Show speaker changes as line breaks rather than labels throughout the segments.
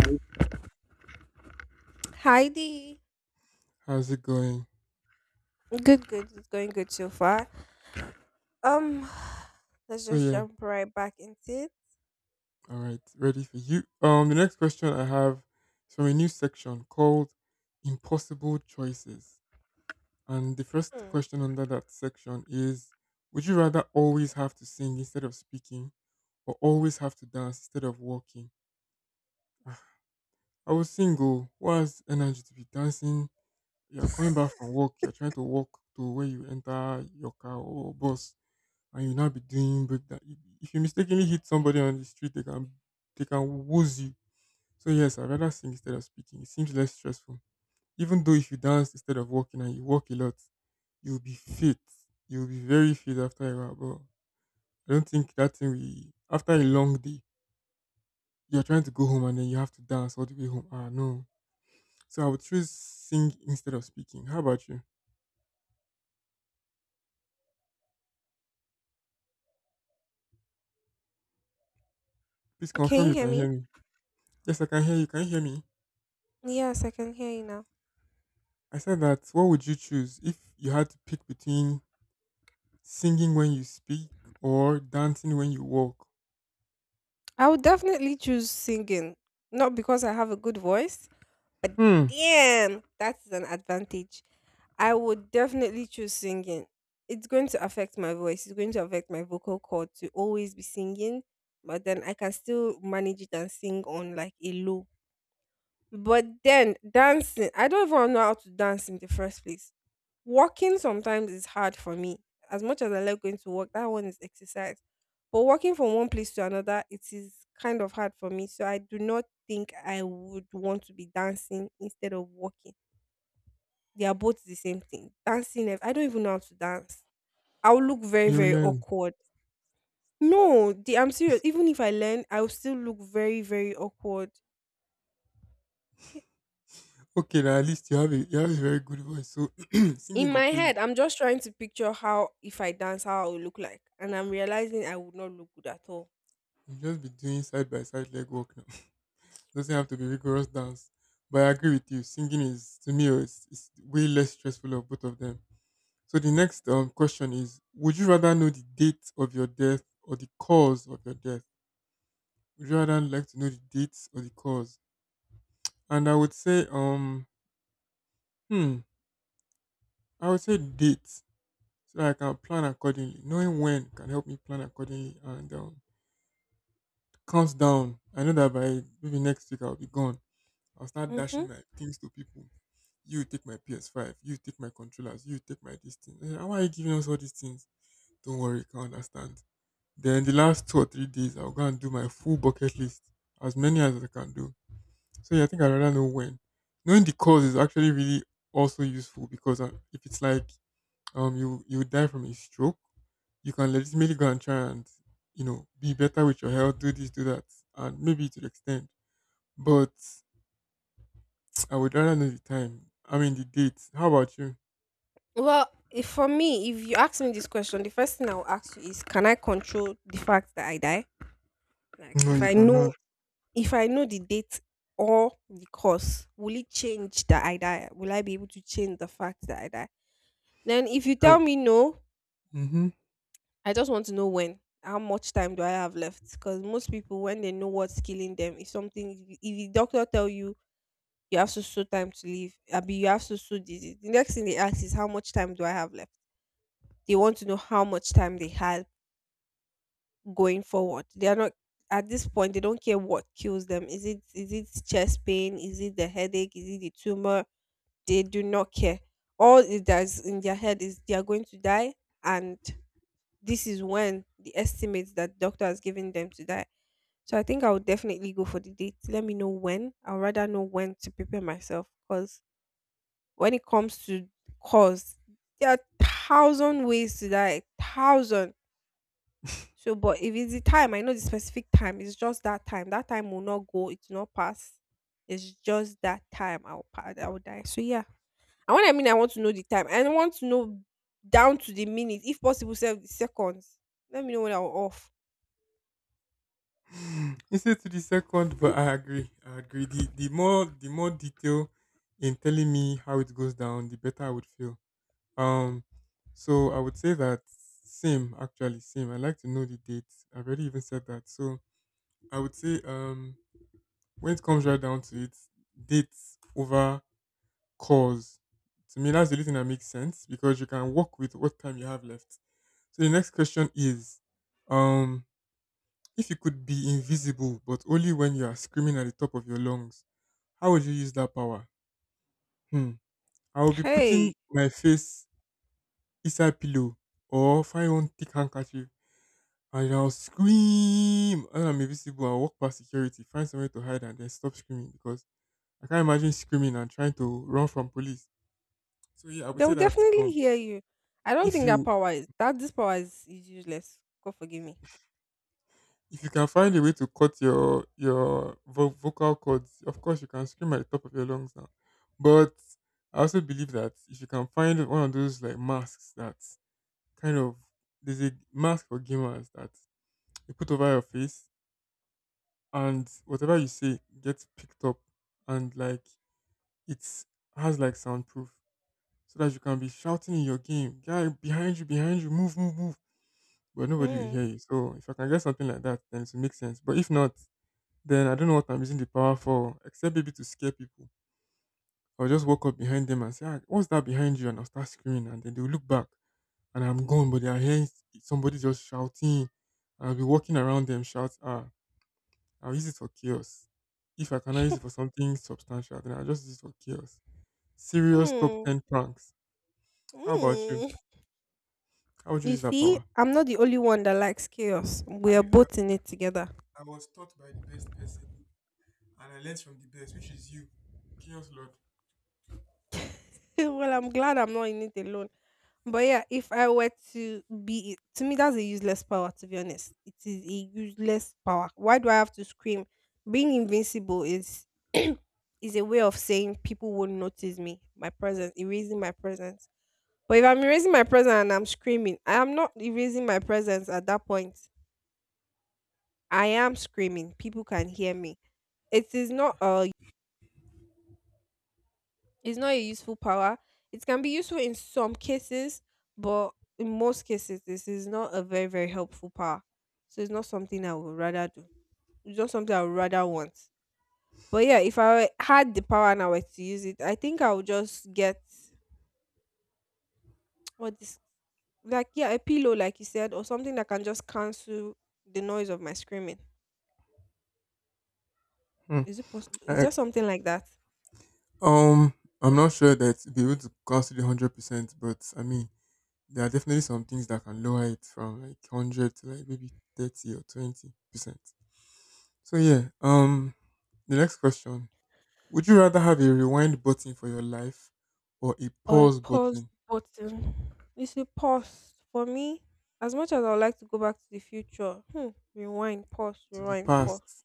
Hi.
Hi Dee,
How's it going?
good, good. It's going good so far. Um, let's
So
just
yeah,
jump right back into it.
all right, ready for you. The next question I have is from a new section called "Impossible Choices," and the first
Hmm.
question under that section is: Would you rather always have to sing instead of speaking, or always have to dance instead of walking? I was single. Who has energy to be dancing? You're coming back from work. You're trying to walk to where you enter your car or bus and you now be doing break that. If you mistakenly hit somebody on the street, they can woos you. So yes, I'd rather sing instead of speaking. It seems less stressful. Even though if you dance instead of walking and you walk a lot, you'll be fit. You'll be very fit after a while. But I don't think that thing we after a long day, you're trying to go home and then you have to dance all the way home. Ah no. So I would choose sing instead of speaking. How about you? Please
Can
confirm
you
you
hear
can hear
me?
me. Yes, I can hear you. Can you hear me?
Yes, I can hear you now.
I said that what would you choose if you had to pick between singing when you speak or dancing when you walk.
I would definitely choose singing, not because I have a good voice.
Hmm.
Damn, that is an advantage. I would definitely choose singing. It's going to affect my voice. It's going to affect my vocal cord to always be singing, but then I can still manage it and sing on like a low. But then dancing, I don't even know how to dance in the first place. Walking sometimes is hard for me. As much as I like going to work, that one is exercise. But walking from one place to another, it is kind of hard for me. So I do not think I would want to be dancing instead of walking. They are both the same thing. Dancing, eh, I don't even know how to dance. I will look very,
You
very
learn.
awkward. No, I'm serious. Even if I learn, I will still look very, very awkward.
Okay, now at least you have a very good voice. So singing
In
will
my
pay you.
head, I'm just trying to picture how if I dance how I would look like, and I'm realizing I would not look good at all.
You just be doing side by side leg work now. Doesn't have to be rigorous dance. But I agree with you. Singing is to me is way less stressful of both of them. So the next question is: Would you rather know the date of your death or the cause of your death? Would you rather like to know the date or the cause? And I would say hmm I would say date so that I can plan accordingly. Knowing when can help me plan accordingly and count down. I know that by maybe next week I'll be gone. I'll start dashing
Hmm.
my things to people. You take my PS5. You take my controllers. You take my this thing. Eh, how are you giving us all these things? Don't worry, you can understand. Then the last 2 or 3 days, I'll go and do my full bucket list, as many as I can do. So yeah, I think I'd rather know when. Knowing the cause is actually really also useful because if it's like you die from a stroke, you can legitimately go and try and you know be better with your health, do this, do that, and maybe to the extent. But I would rather know the time. I mean the date. How about you?
Well, if for me, if you ask me this question, the first thing I'll ask you is, can I control the fact that I die? Like,
No,
if
you
I know,
cannot.
if I know the date or the cause, will it change that I die? Will I be able to change the fact that I die? Then if you
I,
tell me no,
mm-hmm.
I just want to know when. How much time do I have left? Because most people, when they know what's killing them, if the doctor tell you you have so so time to live, abi you have so so disease, the next thing they ask is, how much time do I have left? They want to know how much time they have going forward. They are not at this point. They don't care what kills them. Is it chest pain? Is it the headache? Is it the tumor? They do not care. All it does in their head is they are going to die, and this is when the estimates that doctor has given them to die. So I think I would definitely go for the date. Let me know when. I'd rather know when to prepare myself, because when it comes to cause, there are thousand ways to die. Thousand. So but if it's the time, I know the specific time, it's just that time. That time will not go, it will not pass. It's just that time I'll pass, I will die. So yeah. And when I mean, I want to know the time, I want to know down to the minute, if possible, self the seconds. Let me know when I'm off.
Instead to the second, but I agree. I agree. The more the more detail in telling me how it goes down, the better I would feel. Um, so I would say that same actually same. I like to know the date. I've already even said that. So I would say when it comes right down to it, dates over cause. To me, that's the only thing that makes sense because you can work with what time you have left. So the next question is, um, if you could be invisible but only when you are screaming at the top of your lungs, how would you use that power? Hmm. I will be putting
Hey,
my face inside pillow or find one thick handkerchief and I'll scream and I'm invisible. I'll walk past security, find somewhere to hide and then stop screaming because I can't imagine screaming and trying to run from police. So yeah, I would say
they'll
that
definitely hear you. I don't
if
think that
you
power is that this power is useless. God forgive me.
if you can find a way to cut your vocal cords, of course you can scream at the top of your lungs now. But I also believe that if you can find one of those like masks that kind of there's a mask for gamers that you put over your face and whatever you say gets picked up and like it's has like soundproof so that you can be shouting in your game, guy behind you, move, move, move but nobody will
Mm,
hear you. So if I can get something like that, then it will make sense. But if not, then I don't know what I'm using the power for, except maybe to scare people. I'll just walk up behind them and say, ah, "What's that behind you?" and I'll start screaming, and then they'll look back, and I'm gone. But they are hearing somebody just shouting, I'll be walking around them, shout, "Ah, I'll use it for chaos." If I cannot use it for something substantial, then I'll just use it for chaos. Serious top
mm,
ten pranks. How about you?
mm.
How would you
You
use that
see,
power?
I'm not the only one that likes chaos. We are
I, I,
both in it together.
I was taught by the best person and I learned from the best, which is you, Chaos Lord.
Well, I'm glad I'm not in it alone. But yeah, if I were to be it, to me, that's a useless power, to be honest. It is a useless power. Why do I have to scream? Being invincible is is a way of saying people won't notice me, my presence, erasing my presence. But if I'm erasing my present and I'm screaming, I am not erasing my presence at that point. I am screaming. People can hear me. It is not a it's not a useful power. It can be useful in some cases, but in most cases, this is not a very, very helpful power. So it's not something I would rather do. It's not something I would rather want. But yeah, if I had the power and I were to use it, I think I would just get what this like, yeah, a pillow, like you said, or something that can just cancel the noise of my screaming.
Hmm.
Is it possible? Is
I,
there something like that?
um, I'm not sure that be able to consider 100%, but I mean, there are definitely some things that can lower it from like hundred to like maybe 30 or 20%. So yeah. The next question: Would you rather have a rewind button for your life or a
Or a
pause
pause
button
button? It's a pause for me. As much as I would like to go back to the future, hmm, rewind, pause,
to the
rewind, pause.
past?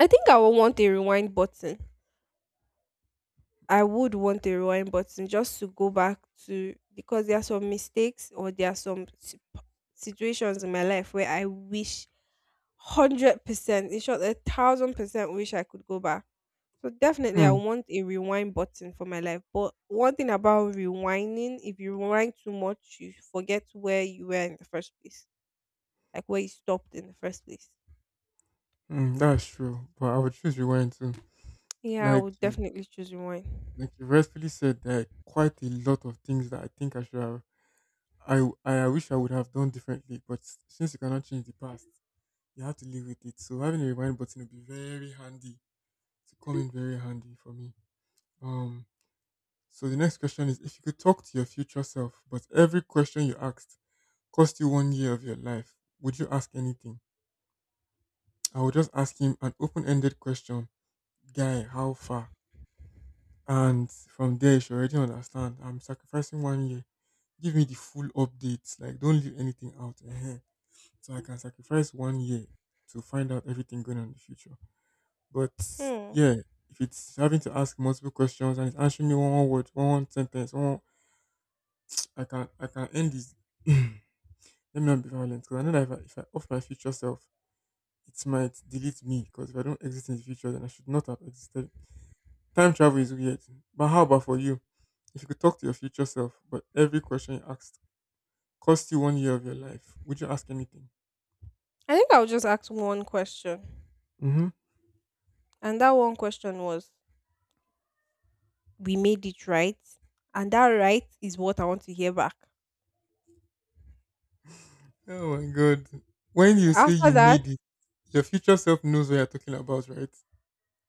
I think I would want a rewind button. I would want a rewind button just to go back to because there are some mistakes, or there are some situations in my life where I wish 100%, in short, 1,000%, wish I could go back. So definitely I
Hmm.
want a rewind button for my life. But one thing about rewinding, if you rewind too much, you forget where you were in the first place. Like where you stopped in the first place.
Hmm, that's true, but I would choose rewind too.
Yeah, I
Like,
would definitely choose rewind.
like you rightfully said, there are quite a lot of things that I think I should have I wish I would have done differently, but since you cannot change the past, you have to live with it. So having a rewind button would be very handy to come in very handy for me. Um, so the next question is if you could talk to your future self, but every question you asked cost you 1 year of your life, would you ask anything? I would just ask him an open-ended question, guy, how far? And from there, you should already understand. I'm sacrificing 1 year. Give me the full updates. Like, don't leave anything out. Ehen. So I can sacrifice 1 year to find out everything going on in the future. But
Hmm.
yeah, if it's having to ask multiple questions and it's answering me one, one word, one, one sentence, I can end this. Let me not be violent because I know that if I off my future self, it might delete me. Because if I don't exist in the future, then I should not have existed. Time travel is weird. But how about for you? If you could talk to your future self, but every question you asked cost you 1 year of your life, would you ask anything?
I think I'll just ask one question.
Hmm.
And that one question was, we made it, right? And that right is what I want to hear back.
Oh my god. When you say
After
you
that,
made your future self knows what you're talking about, right?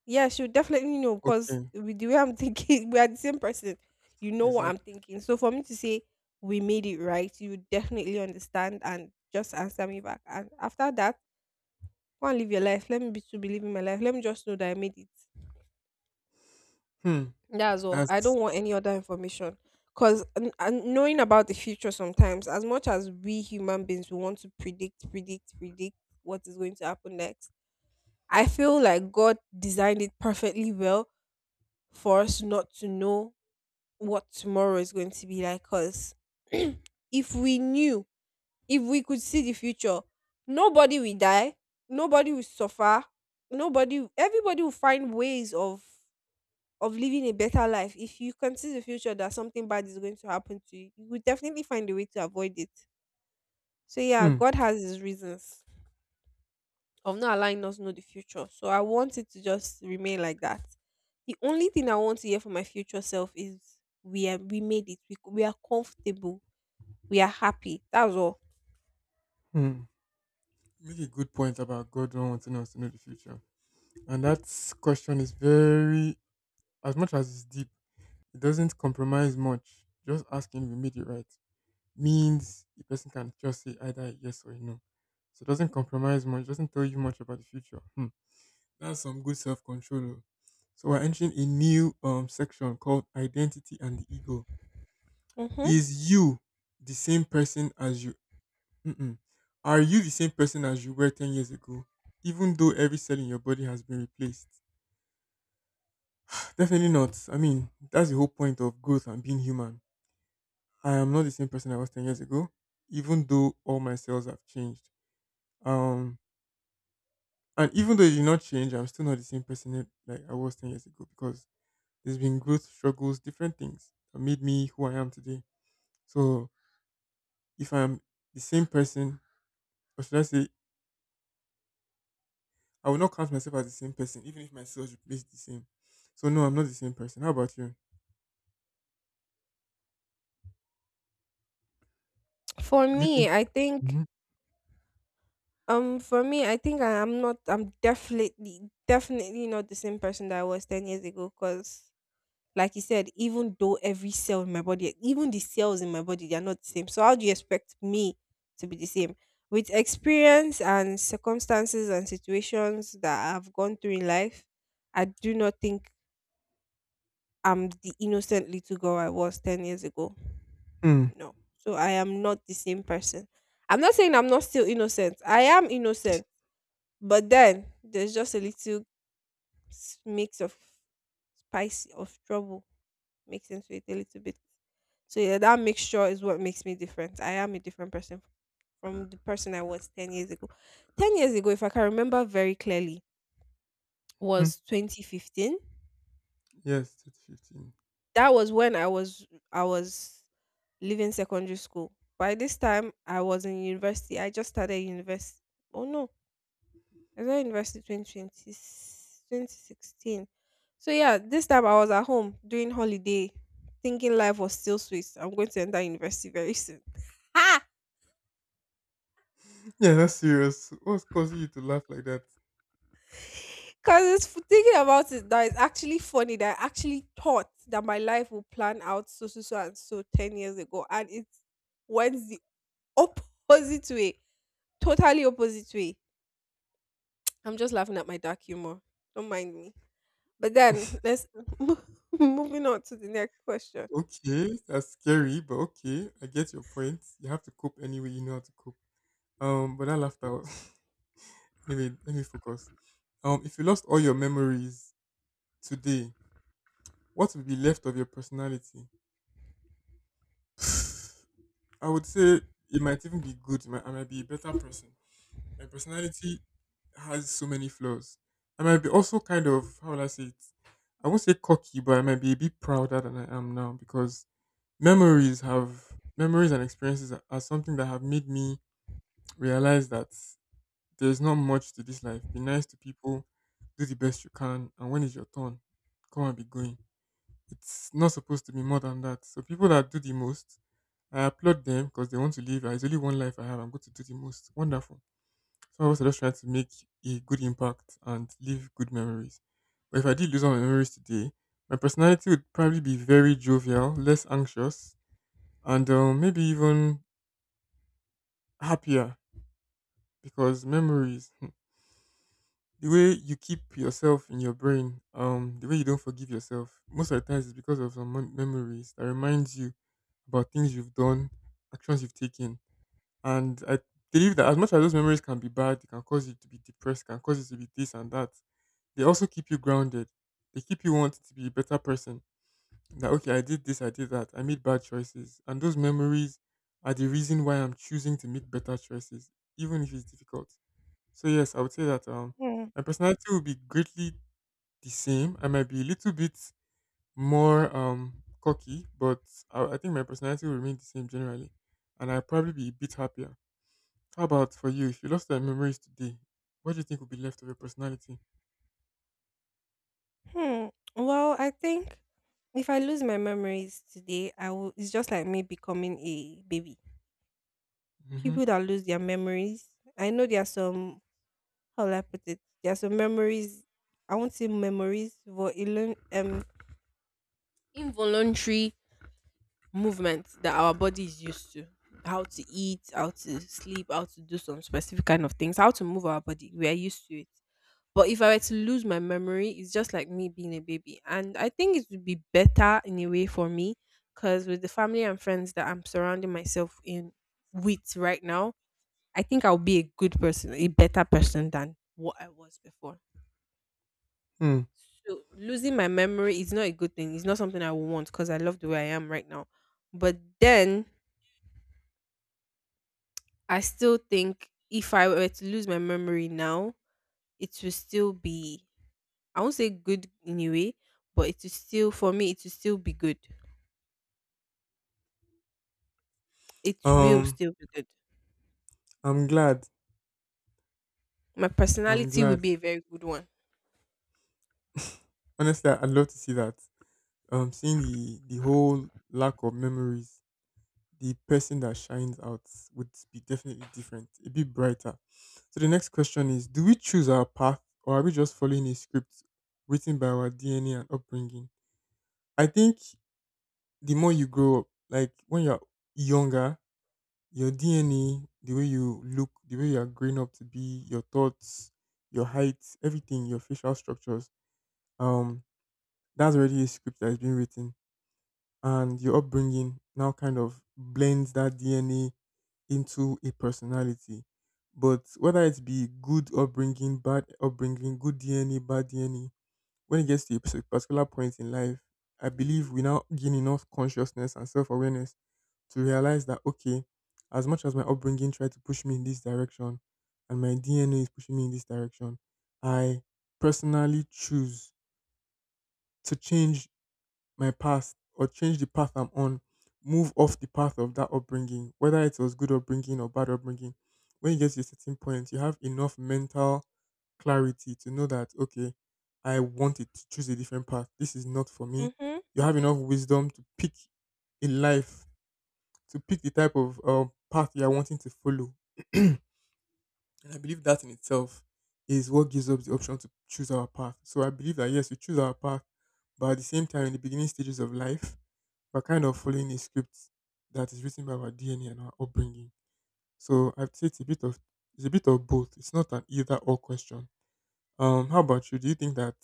yeah, she would definitely know, because
Okay,
with the way I'm thinking, we are the same person. You know what I'm
exactly.
thinking. So for me to say, we made it right, you would definitely understand and just answer me back. And after that, go and live your life. Let me be, to be living my life. Let me just know that I made it.
Hmm.
That's all. I don't want
That's
any other information. Because knowing about the future sometimes, as much as we human beings, we want to predict, predict, predict what is going to happen next. I feel like God designed it perfectly well for us not to know what tomorrow is going to be like, because if we knew, if we could see the future, nobody will die, nobody will suffer, nobody, everybody will find ways of living a better life. If you can see the future that something bad is going to happen to you, you will definitely find a way to avoid it. So yeah,
hmm.
God has His reasons of not allowing us to know the future. So I want it to just remain like that. The only thing I want to hear from my future self is, we made it. We are comfortable, we are happy. That's all.
Hmm. You make a good point about God not wanting us to know the future, and that question is very, as much as it's deep, it doesn't compromise much. Just asking if you made it right means the person can just say either a yes or a no. So it doesn't compromise much. Doesn't tell you much about the future. Hmm. That's some good self control. So we're entering a new section called identity and the ego.
Hmm.
Is you the same person as you? Mm-mm. Are you the same person as you were 10 years ago, even though every cell in your body has been replaced? Definitely not. I mean, that's the whole point of growth and being human. I am not the same person I was 10 years ago, even though all my cells have changed. Um, and even though it did not change, I'm still not the same person like I was 10 years ago because there's been growth, struggles, different things that made me who I am today. So if I'm the same person, or should I say, I will not count myself as the same person, even if my cells replace the same. So no, I'm not the same person. How about you?
For
Do you
me,
think?
I think
Mhm.
I'm definitely not the same person that I was 10 years ago, cuz like you said, even though every cell in my body, even the cells in my body, they are not the same. So how do you expect me to be the same? With experience and circumstances and situations that I've gone through in life, I do not think I'm the innocent little girl I was 10 years ago.
Mm
No. So I am not the same person. I'm not saying I'm not still innocent. I am innocent. But then there's just a little mix of, spice of trouble mixed into it a little bit. So yeah, that mixture is what makes me different. I am a different person from the person I was 10 years ago. 10 years ago, if I can remember very clearly,
mm.
was 2015.
Yes, two to fifteen.
That was when I was I was leaving secondary school. By this time, I was in university. I just started university. Oh no, I started university twenty twenty 2016. So yeah, this time I was at home doing holiday, thinking life was still sweet. I'm going to enter university very soon.
Yeah, that's serious. What's causing you to laugh like that?
Because thinking about it that is actually funny, that I actually thought that my life would plan out so so so and so 10 years ago, and it went the opposite way. Totally opposite way. I'm just laughing at my dark humor. Don't mind me. But then let's mo- moving on to the next question.
Okay, that's scary, but okay, I get your point. You have to cope any way you know how to cope. But that laughter was anyway. Let me focus. If you lost all your memories today, what would be left of your personality? I would say it might even be good. It might, I might be a better person. My personality has so many flaws. I might be also kind of how will I say it? I won't say cocky, but I might be a bit prouder than I am now because memories have memories and experiences are something that have made me realize that there's not much to this life. Be nice to people, do the best you can, and when it's your turn, come and be going. It's not supposed to be more than that. So people that do the most, I applaud them because they want to live. There's only one life I have. I'm going to do the most. Wonderful. So I was just trying to make a good impact and leave good memories. But if I did lose all my memories today, my personality would probably be very jovial, less anxious, and maybe even happier because memories, the way you keep yourself in your brain, the way you don't forgive yourself, most of the times is because of some memories that reminds you about things you've done, actions you've taken. And I believe that as much as those memories can be bad, it can cause you to be depressed, can cause you to be this and that. They also keep you grounded. They keep you wanting to be a better person. That okay, I did this, I did that, I made bad choices, and those memories are the reason why I'm choosing to make better choices, even if it's difficult. So yes, I would say that
Hmm.
my personality will be greatly the same. I might be a little bit more cocky, but I think my personality will remain the same generally, and I'll probably be a bit happier. How about for you? If you lost your memories today, what do you think would be left of your personality?
Hmm. Well, I think if I lose my memories today, I will. It's just like me becoming a baby.
Mm-hmm.
People that lose their memories, I know there are some. How will I put it? There are some memories. I won't say memories, but it learn involuntary movement that our body is used to. How to eat, how to sleep, how to do some specific kind of things, how to move our body, we are used to it. But if I were to lose my memory, it's just like me being a baby, and I think it would be better in a way for me, because with the family and friends that I'm surrounding myself in with right now, I think I'll be a good person, a better person than what I was before.
Hmm.
So losing my memory is not a good thing, it's not something I would want, because I love the way I am right now. But then I still think if I were to lose my memory now, it will still be. I won't say good in a way, but it will still, for me, it will still be good. It will
Um.
still be good.
I'm glad.
My
I'm
personality will
glad.
be a very good one.
Honestly, I'd love to see that. Seeing the whole lack of memories, the person that shines out would be definitely different. It'd be brighter. So the next question is: do we choose our path, or are we just following a script written by our DNA and upbringing? I think the more you grow up, like when you're younger, your DNA, the way you look, the way you are growing up to be, your thoughts, your height, everything, your facial structures. um that's already a script that has been written, and your upbringing now kind of blends that DNA into a personality. But whether it be good upbringing, bad upbringing, good DNA, bad DNA, when it gets to a particular point in life, I believe we now gain enough consciousness and self-awareness to realize that, okay, as much as my upbringing tried to push me in this direction, and my DNA is pushing me in this direction, I personally choose to change my past or change the path I'm on, move off the path of that upbringing, whether it was good upbringing or bad upbringing. When you get to a certain point, you have enough mental clarity to know that, okay, I wanted to choose a different path. This is not for me.
Mm-hmm.
You have enough wisdom to pick a life, to pick the type of path you are wanting to follow. And I believe that in itself is what gives us the option to choose our path. So I believe that, yes, we choose our path, but at the same time, in the beginning stages of life, we're kind of following a script that is written by our DNA and our upbringing. So I'd say it's a bit of both. It's not an either or question. How about you? Do you think that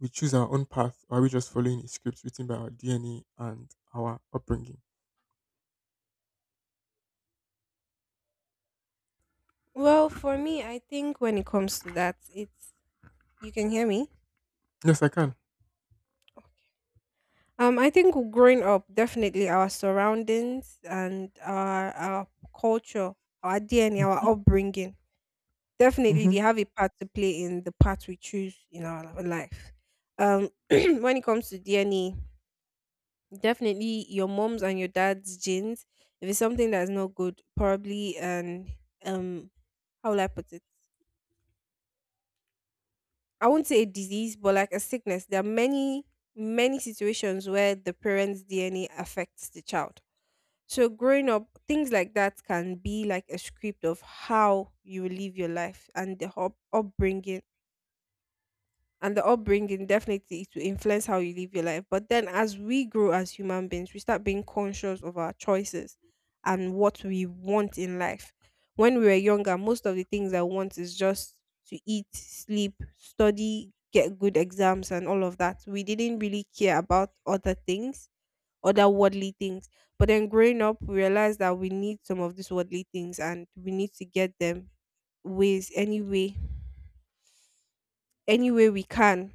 we choose our own path, or are we just following a script written by our DNA and our upbringing?
Well, for me, I think when it comes to that, it's— you can hear me.
Yes, I can.
I think growing up, definitely our surroundings and our culture, our DNA, our upbringing. Definitely,
Mm-hmm.
they have a part to play in the part we choose in our life. When it comes to DNA, definitely your mom's and your dad's genes. If it's something that's not good, probably, and um, how will I put it? I won't say a disease, but like a sickness. There are many, many situations where the parents' DNA affects the child. So growing up, things like that can be like a script of how you will live your life, and the upbringing and the upbringing definitely to influence how you live your life. But then as we grow as human beings, we start being conscious of our choices and what we want in life. When we were younger, most of the things I want is just to eat, sleep, study, get good exams, and all of that. We didn't really care about other things, other worldly things. But then growing up, we realized that we need some of these worldly things, and we need to get them ways any way, any way we can.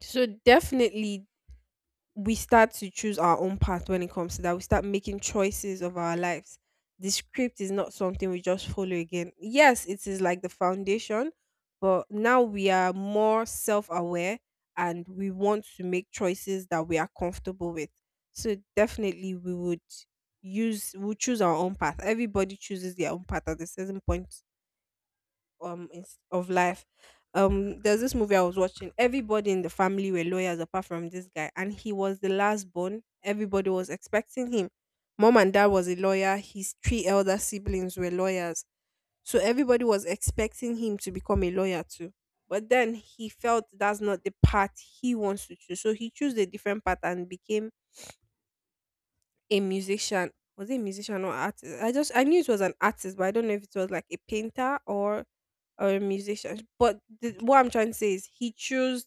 So definitely we start to choose our own path when it comes to that. We start making choices of our lives. The script is not something we just follow again. Yes, it is like the foundation, but now we are more self-aware, and we want to make choices that we are comfortable with. So definitely we would use we choose our own path. Everybody chooses their own path at a certain point of life. There's this movie I was watching. Everybody in the family were lawyers apart from this guy, and he was the last born. Everybody was expecting him. Mom and dad was a lawyer. His three elder siblings were lawyers, so everybody was expecting him to become a lawyer too. But then he felt that's not the path he wants to choose, so he chose a different path and became a musician. Was it a musician or artist? I knew it was an artist, but I don't know if it was like a painter or a musician. But what I'm trying to say is he chose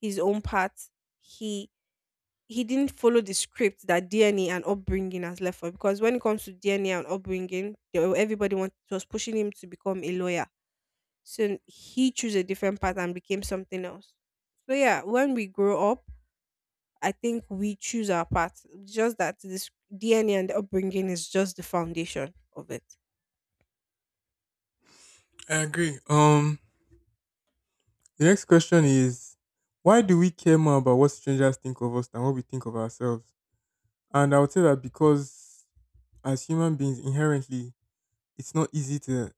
his own path. He he didn't follow the script that DNA and upbringing has left for. Because when it comes to DNA and upbringing, everybody was pushing him to become a lawyer. So he chose a different path and became something else. So yeah, when we grow up, I think we choose our path. Just that this DNA and upbringing is just the foundation of it.
I agree. The next question is, why do we care more about what strangers think of us than what we think of ourselves? And I would say that because, as human beings, inherently, it's not easy to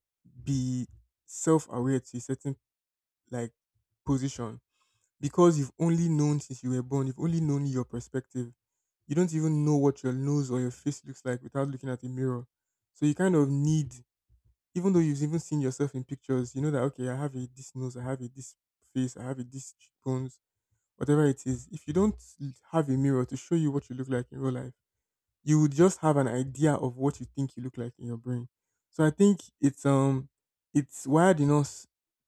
be self-aware to a certain, like, position, because you've only known, since you were born, you've only known your perspective. You don't even know what your nose or your face looks like without looking at a mirror. So you kind of need, even though you've even seen yourself in pictures, you know that, okay, I have a this nose, I have a this face, I have a this cheekbones, whatever it is, if you don't have a mirror to show you what you look like in real life, you would just have an idea of what you think you look like in your brain. So I think it's wired in us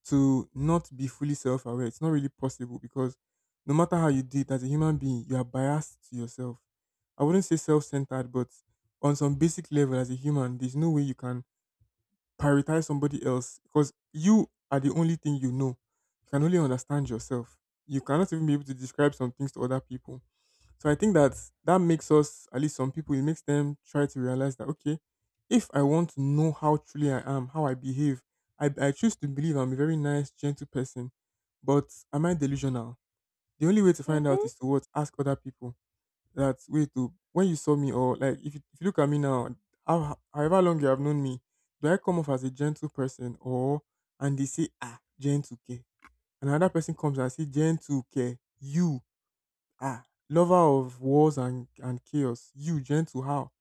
to not be fully self aware. It's not really possible because no matter how you do it as a human being, you are biased to yourself. I wouldn't say self centered, but on some basic level as a human, there's no way you can prioritize somebody else because you are the only thing you know. You can only understand yourself. You cannot even be able to describe some things to other people. So I think that that makes us, at least some people, it makes them try to realize that, okay, if I want to know how truly I am, how I behave, I choose to believe I'm a very nice, gentle person, but am I delusional? The only way to find out is
Hmm.
to what? Ask other people. That way to, when you saw me, or like if you look at me now, how, however long you have known me, do I come off as a gentle person or, and they say, ah, gentle care. Another person comes and say, gentle care, you. Ah, lover of wars and chaos. You, gentle, how?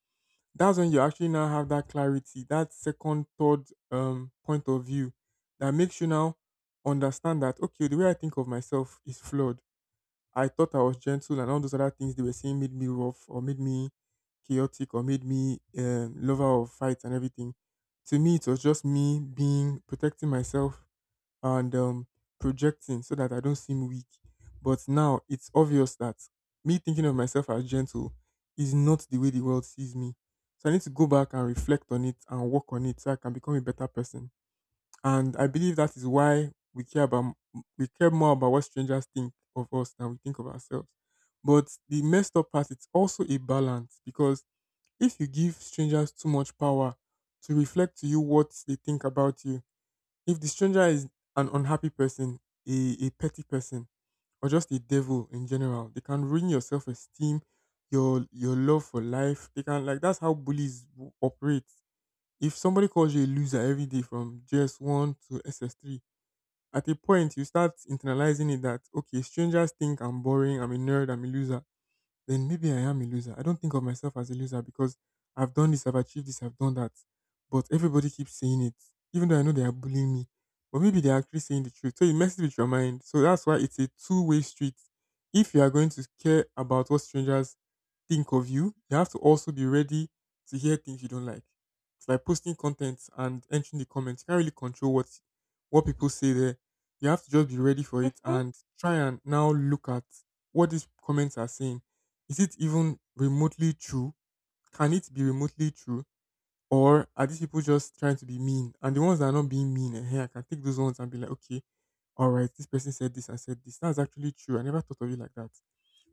That's when you actually now have that clarity, that second, third point of view that makes you now understand that, okay, the way I think of myself is flawed. I thought I was gentle, and all those other things they were saying made me rough or made me chaotic or made me lover of fights and everything. To me, it was just me being protecting myself and projecting so that I don't seem weak. But now it's obvious that me thinking of myself as gentle is not the way the world sees me. So I need to go back and reflect on it and work on it so I can become a better person. And I believe that is why we care about we care more about what strangers think of us than we think of ourselves. But the messed up part it's also a balance because if you give strangers too much power to reflect to you what they think about you, if the stranger is an unhappy person, a petty person, or just a devil in general, they can ruin your self esteem, your love for life. They can like that's how bullies operate. If somebody calls you a loser every day from GS one to SS three, at a point you start internalizing it that okay, strangers think I'm boring, I'm a nerd, I'm a loser, then maybe I am a loser. I don't think of myself as a loser because I've done this, I've achieved this, I've done that. But everybody keeps saying it, even though I know they are bullying me. But maybe they're actually saying the truth. So it messes with your mind. So that's why it's a two-way street. If you are going to care about what strangers think of you, you have to also be ready to hear things you don't like. It's like posting content and entering the comments. You can't really control what people say there. You have to just be ready for it
Hmm.
and try and now look at what these comments are saying, is it even remotely true? Can it be remotely true? Or are these people just trying to be mean? And the ones that are not being mean, hey, I can take those ones and be like, okay, all right, this person said this and said this. That's actually true. I never thought of it like that. So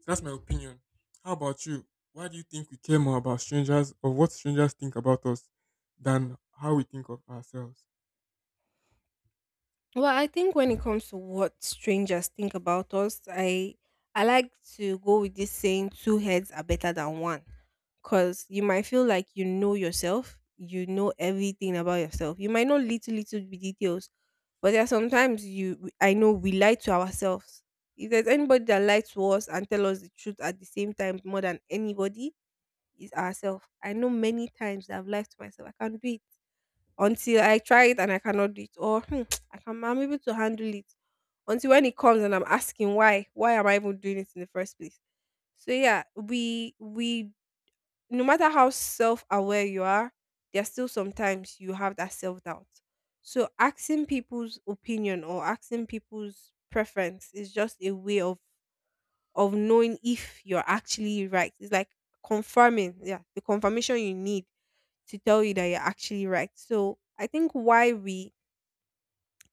that's my opinion. How about you? Why do you think we care more about strangers or what strangers think about us than how we think of ourselves?
Well, I think when it comes to what strangers think about us, I like to go with this saying, two heads are better than one. Cause you might feel like you know yourself, you know everything about yourself. You might know little bit details, but there are sometimes you I know we lie to ourselves. If there's anybody that lies to us and tell us the truth at the same time more than anybody, is ourselves. I know many times that I've lied to myself. I can't do it until I try it and I cannot do it, or "Hmm, I'm able to handle it." Until when it comes and I'm asking why am I even doing it in the first place? So yeah, we no matter how self aware you are, there's still sometimes you have that self doubt. So asking people's opinion or asking people's preference is just a way of knowing if you're actually right. It's like confirming, yeah, the confirmation you need to tell you that you're actually right. So I think why we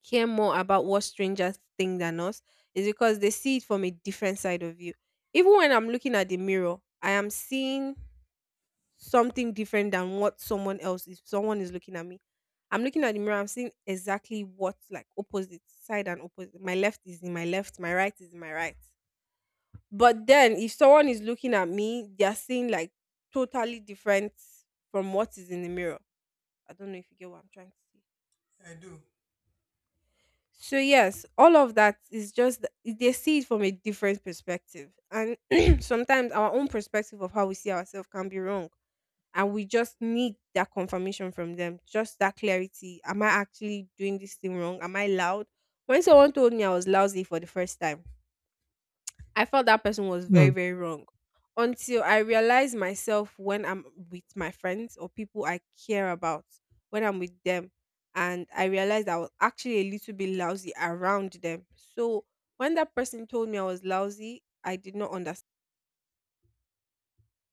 care more about what strangers think than us is because they see it from a different side of you. Even when I'm looking at the mirror, I am seeing something different than what someone else— if someone is looking at me. I'm looking at the mirror, I'm seeing exactly what, like, opposite side and opposite. My left is in my left, my right is in my right. But then if someone is looking at me, they are seeing like totally different from what is in the mirror. I don't know if you get what I'm trying to say. So yes, all of that is just they see it from a different perspective, and sometimes our own perspective of how we see ourselves can be wrong, and we just need that confirmation from them, just that clarity. Am I actually doing this thing wrong? Am I loud? When someone told me I was lousy for the first time, I felt that person was very,
Hmm,
very wrong, until I realized myself when I'm with my friends or people I care about, when I'm with them. And I realized I was actually a little bit lousy around them. So when that person told me I was lousy, I did not understand.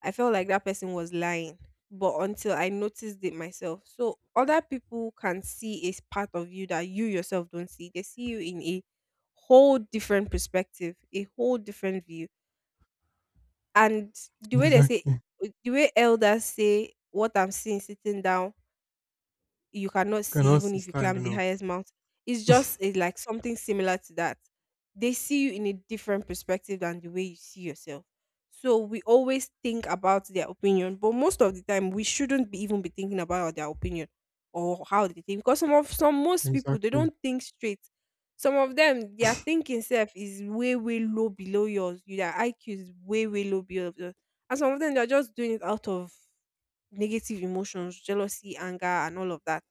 I felt like that person was lying. But until I noticed it myself. So other people can see a part of you that you yourself don't see. They see you in a whole different perspective, a whole different view. And the way they say,
exactly. You
the way elders say, what I'm seeing sitting down, you cannot see
cannot
even
see
if you climb
standing
the
up.
highest mountain. It's just a, like something similar to that. They see you in a different perspective than the way you see yourself. So we always think about their opinion, but most of the time we shouldn't be even be thinking about their opinion or how they think, because some most people they
Exactly.
don't think straight. Some of them their thinking self is way way low below yours. Their IQ is way way low below yours, and some of them they're just doing it out of negative emotions, jealousy, anger, and all of that.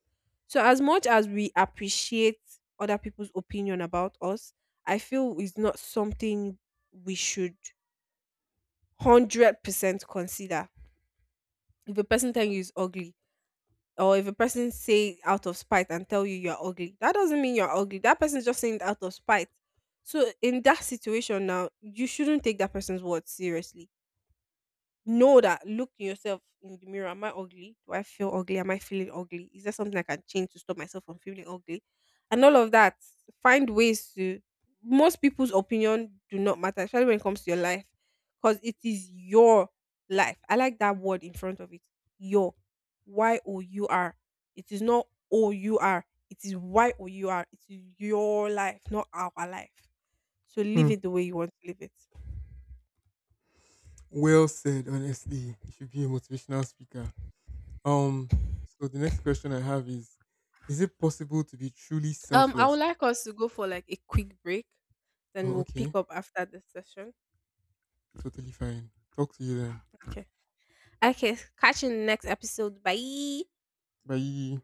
So as much as we appreciate other people's opinion about us, I feel it's not something we should 100% consider. If a person tell you is ugly, or if a person say out of spite and tell you you're ugly, that doesn't mean you're ugly. That person's just saying it out of spite. So in that situation now, you shouldn't take that person's word seriously. Know that, look in yourself in the mirror. Am I ugly? Do I feel ugly? Am I feeling ugly? Is there something I can change to stop myself from feeling ugly? And all of that. Find ways to. Most people's opinion do not matter, especially when it comes to your life, because it is your life. I like that word in front of it. Your. Y O U R. It is not Our. It is Your. It is your life, not our life. So live
Hmm.
it the way you want to live it.
Well said, honestly. You should be a motivational speaker. Um, so the next question I have is: is it possible to be truly
I would
selfless?
like us to go for like a quick break, then
Oh,
we'll pick
okay.
up after this session.
Totally fine. Talk to you then.
Okay. Okay. Catch you in the next episode. Bye.
Bye.